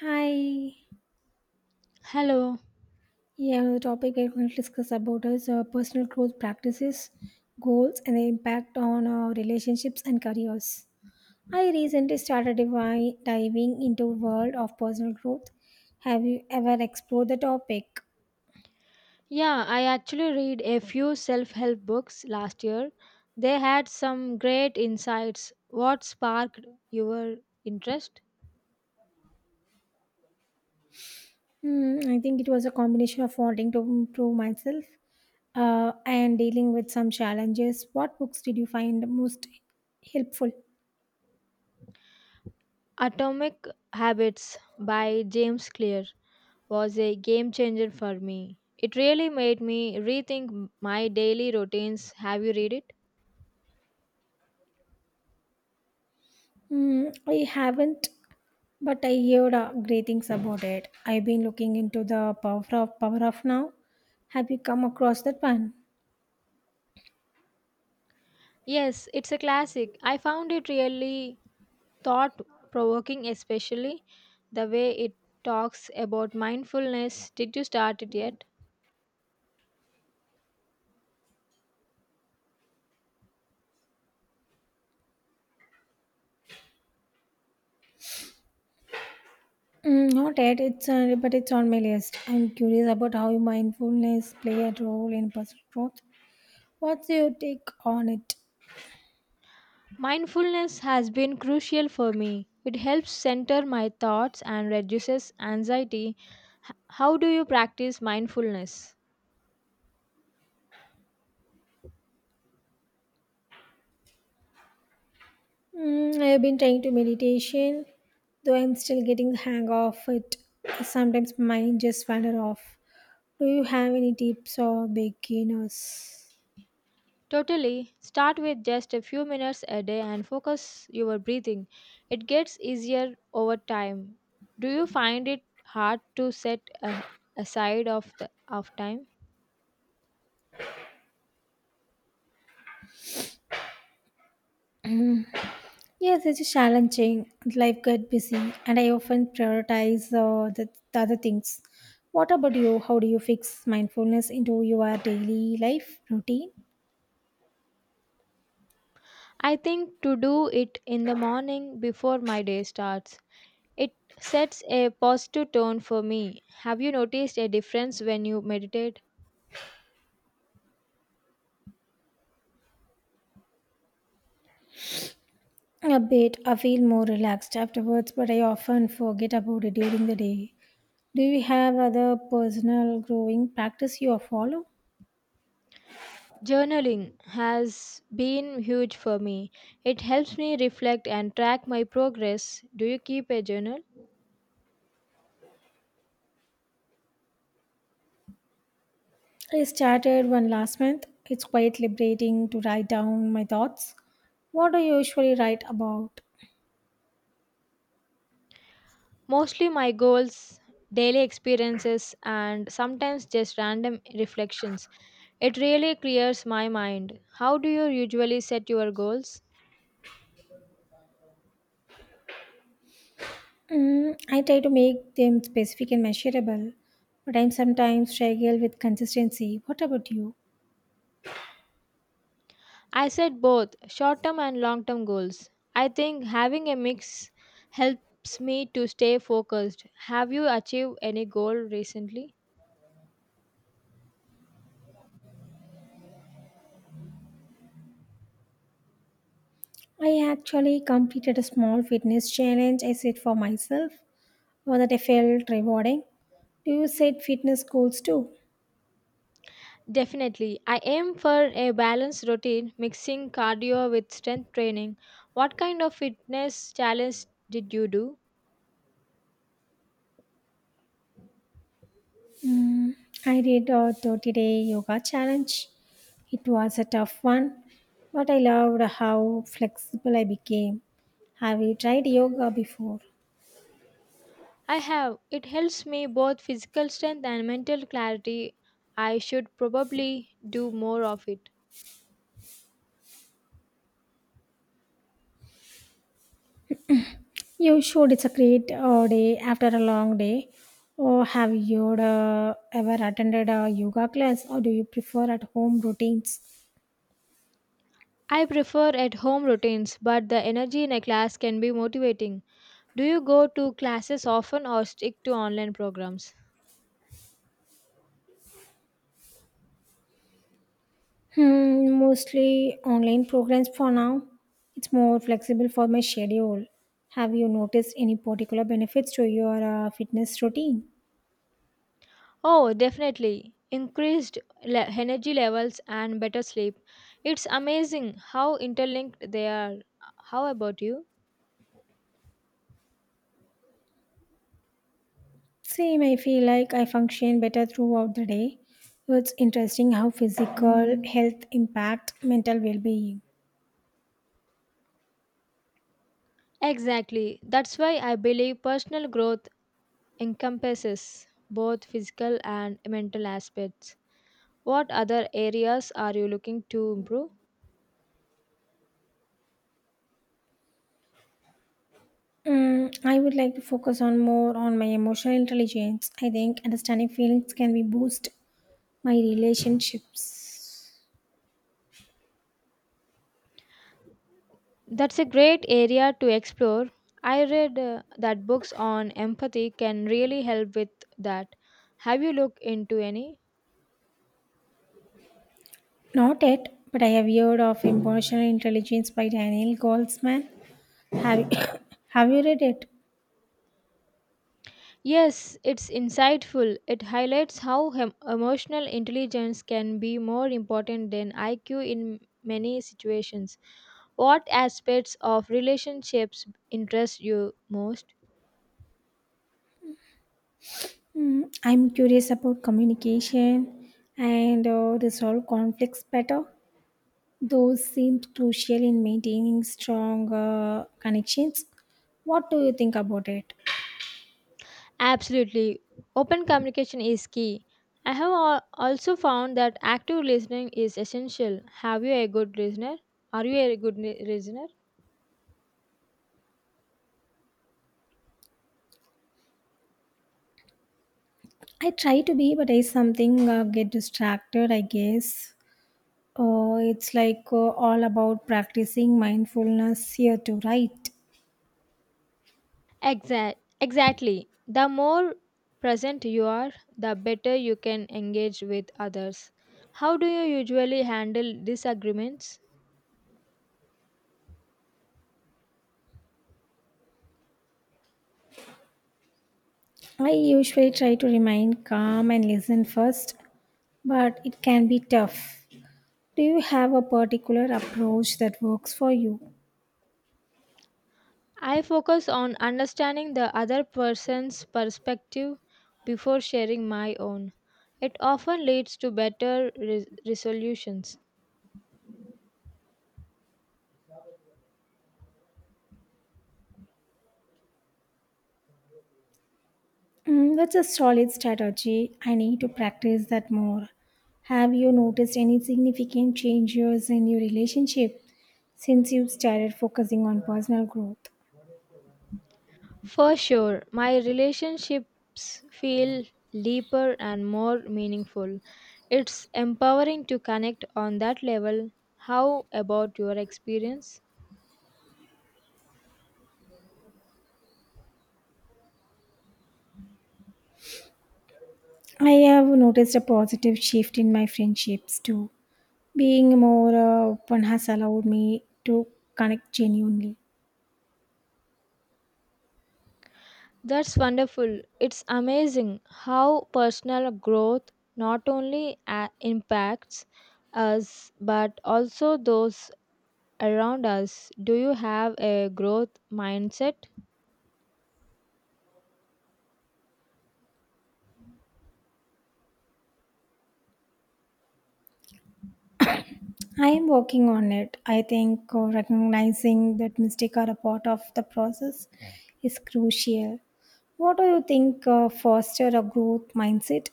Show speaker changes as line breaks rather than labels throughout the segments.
Hi.
Hello.
Yeah, the topic I want to discuss about is personal growth practices, goals, and the impact on relationships and careers. I recently started diving into world of personal growth. Have you ever explored the topic?
Yeah, I actually read a few self help books last year. They had some great insights. What sparked your interest?
I think it was a combination of wanting to improve myself and dealing with some challenges. What books did you find most helpful?
Atomic Habits by James Clear was a game changer for me. It really made me rethink my daily routines. Have you read it?
Mm, I haven't, but I heard great things about it. I've been looking into the power of now. Have you come across that one?
Yes, it's a classic. I found it really thought provoking, especially the way it talks about mindfulness. Did you start it yet?
Mm, not yet. It's but it's on my list. I'm curious about how mindfulness play a role in personal growth. What's your take on it?
Mindfulness has been crucial for me. It helps center my thoughts and reduces anxiety. How do you practice mindfulness?
I've been trying to meditation, though I'm still getting the hang of it. Sometimes my mind just wander off. Do you have any tips for beginners?
Totally. Start with just a few minutes a day and focus your breathing. It gets easier over time. Do you find it hard to set aside of the of time?
Yes, it's challenging. Life got busy, and I often prioritize the other things. What about you? How do you fix mindfulness into your daily life routine?
I think to do it in the morning before my day starts. It sets a positive tone for me. Have you noticed a difference when you meditate?
A bit. I feel more relaxed afterwards, but I often forget about it during the day. Do you have other personal growing practice you follow?
Journaling has been huge for me. It helps me reflect and track my progress. Do you keep a journal?
I started one last month. It's quite liberating to write down my thoughts. What do you usually write about?
Mostly my goals, daily experiences, and sometimes just random reflections. It really clears my mind. How do you usually set your goals?
I try to make them specific and measurable, but I'm sometimes struggle with consistency. What about you?
I set both short term and long term goals. I think having a mix helps me to stay focused. Have you achieved any goal recently?
I actually completed a small fitness challenge I set for myself, one that I felt rewarding. Do you set fitness goals too?
Definitely. I aim for a balanced routine mixing cardio with strength training. What kind of fitness challenge did you do?
I did a 30-day yoga challenge. It was a tough one, but I loved how flexible I became. Have you tried yoga before?
I have. It helps me both physical strength and mental clarity. I should probably do more of it.
You should. It's a great day after a long day. Or have you ever attended a yoga class or do you prefer at home routines?
I prefer at home routines, but the energy in a class can be motivating. Do you go to classes often or stick to online programs?
Mostly online programs for now. It's more flexible for my schedule. Have you noticed any particular benefits to your fitness routine?
Oh, definitely. Increased energy levels and better sleep. It's amazing how interlinked they are. How about you?
Same, I feel like I function better throughout the day. It's interesting how physical health impacts mental well being.
Exactly. That's why I believe personal growth encompasses both physical and mental aspects. What other areas are you looking to improve?
I would like to focus on more on my emotional intelligence. I think understanding feelings can be boost my relationships.
That's a great area to explore. I read that books on empathy can really help with that. Have you looked into any?
Not yet, but I have heard of emotional intelligence by Daniel Goldman. Have have you read it?
Yes, it's insightful. It highlights how emotional intelligence can be more important than IQ in many situations. What aspects of relationships interest you most?
I'm curious about communication and resolve conflicts better. Those seem crucial in maintaining strong connections. What do you think about it?
Absolutely. Open communication is key. I have also found that active listening is essential. Have you a good listener? Are you a good listener?
I try to be, but I something get distracted. I guess it's like all about practicing mindfulness here too, right?
Exactly. The more present you are, the better you can engage with others. How do you usually handle disagreements?
I usually try to remain calm and listen first, but it can be tough. Do you have a particular approach that works for you?
I focus on understanding the other person's perspective before sharing my own. It often leads to better resolutions.
That's a solid strategy. I need to practice that more. Have you noticed any significant changes in your relationship since you started focusing on personal growth?
For sure, my relationships feel deeper and more meaningful. It's empowering to connect on that level. How about your experience?
I have noticed a positive shift in my friendships too. Being more open has allowed me to connect genuinely.
That's wonderful. It's amazing how personal growth not only impacts us but also those around us. Do you have a growth mindset?
I am working on it. I think recognizing that mistakes are a part of the process is crucial. What do you think foster a growth mindset?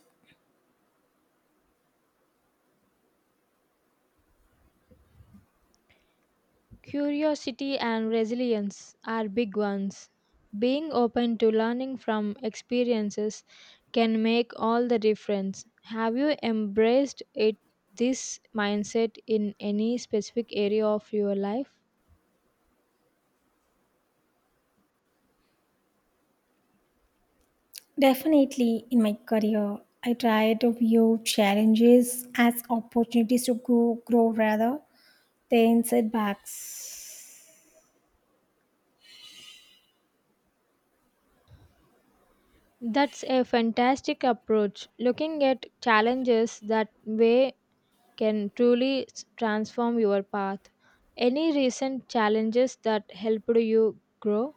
Curiosity and resilience are big ones. Being open to learning from experiences can make all the difference. Have you embraced it this mindset in any specific area of your life?
Definitely in my career, I try to view challenges as opportunities to grow rather than setbacks.
That's a fantastic approach. Looking at challenges that way can truly transform your path. Any recent challenges that helped you grow?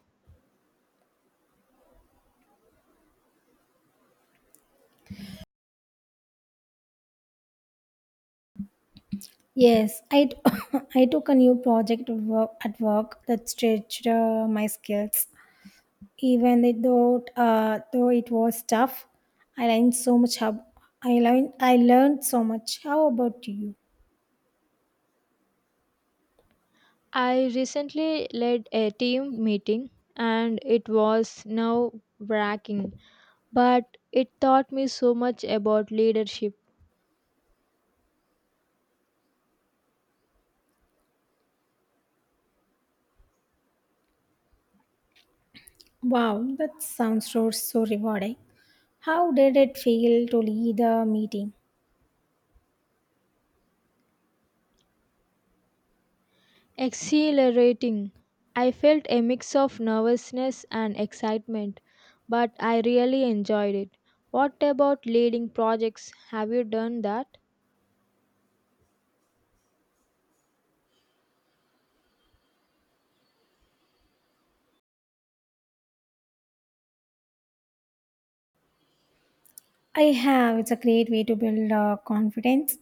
Yes, I took a new project of work at work that stretched my skills. Even though it was tough, I learned so much. How, I learned so much. How about you?
I recently led a team meeting and it was nerve wracking, but it taught me so much about leadership.
Wow, that sounds so rewarding. How did it feel to lead a meeting?
Exhilarating. I felt a mix of nervousness and excitement, but I really enjoyed it. What about leading projects? Have you done that?
I have. It's a great way to build confidence.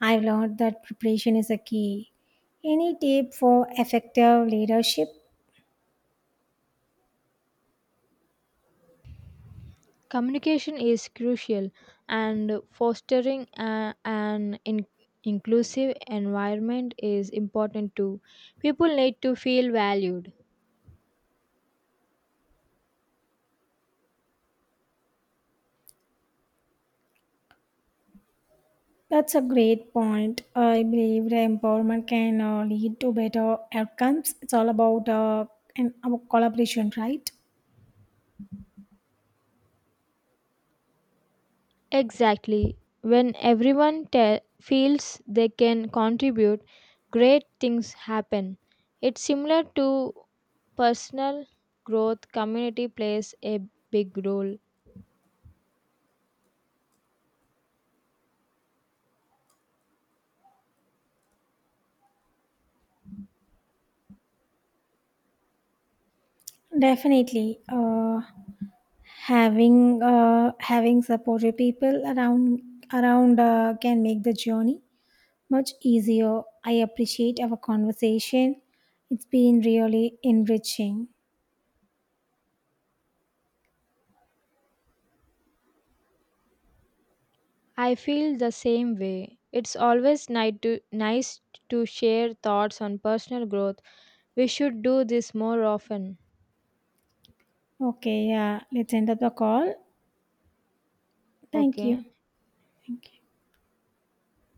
I've learned that preparation is a key. Any tip for effective leadership?
Communication is crucial, and fostering an inclusive environment is important too. People need to feel valued.
That's a great point. I believe the empowerment can lead to better outcomes. It's all about an our collaboration, right?
Exactly. When everyone feels they can contribute, great things happen. It's similar to personal growth, community plays a big role.
Definitely, having supportive people around. Can make the journey much easier. I appreciate our conversation. It's been really enriching.
I feel the same way. It's always nice to share thoughts on personal growth. We should do this more often.
Okay, yeah, let's end up the call. Thank you.
Okay.
Thank you.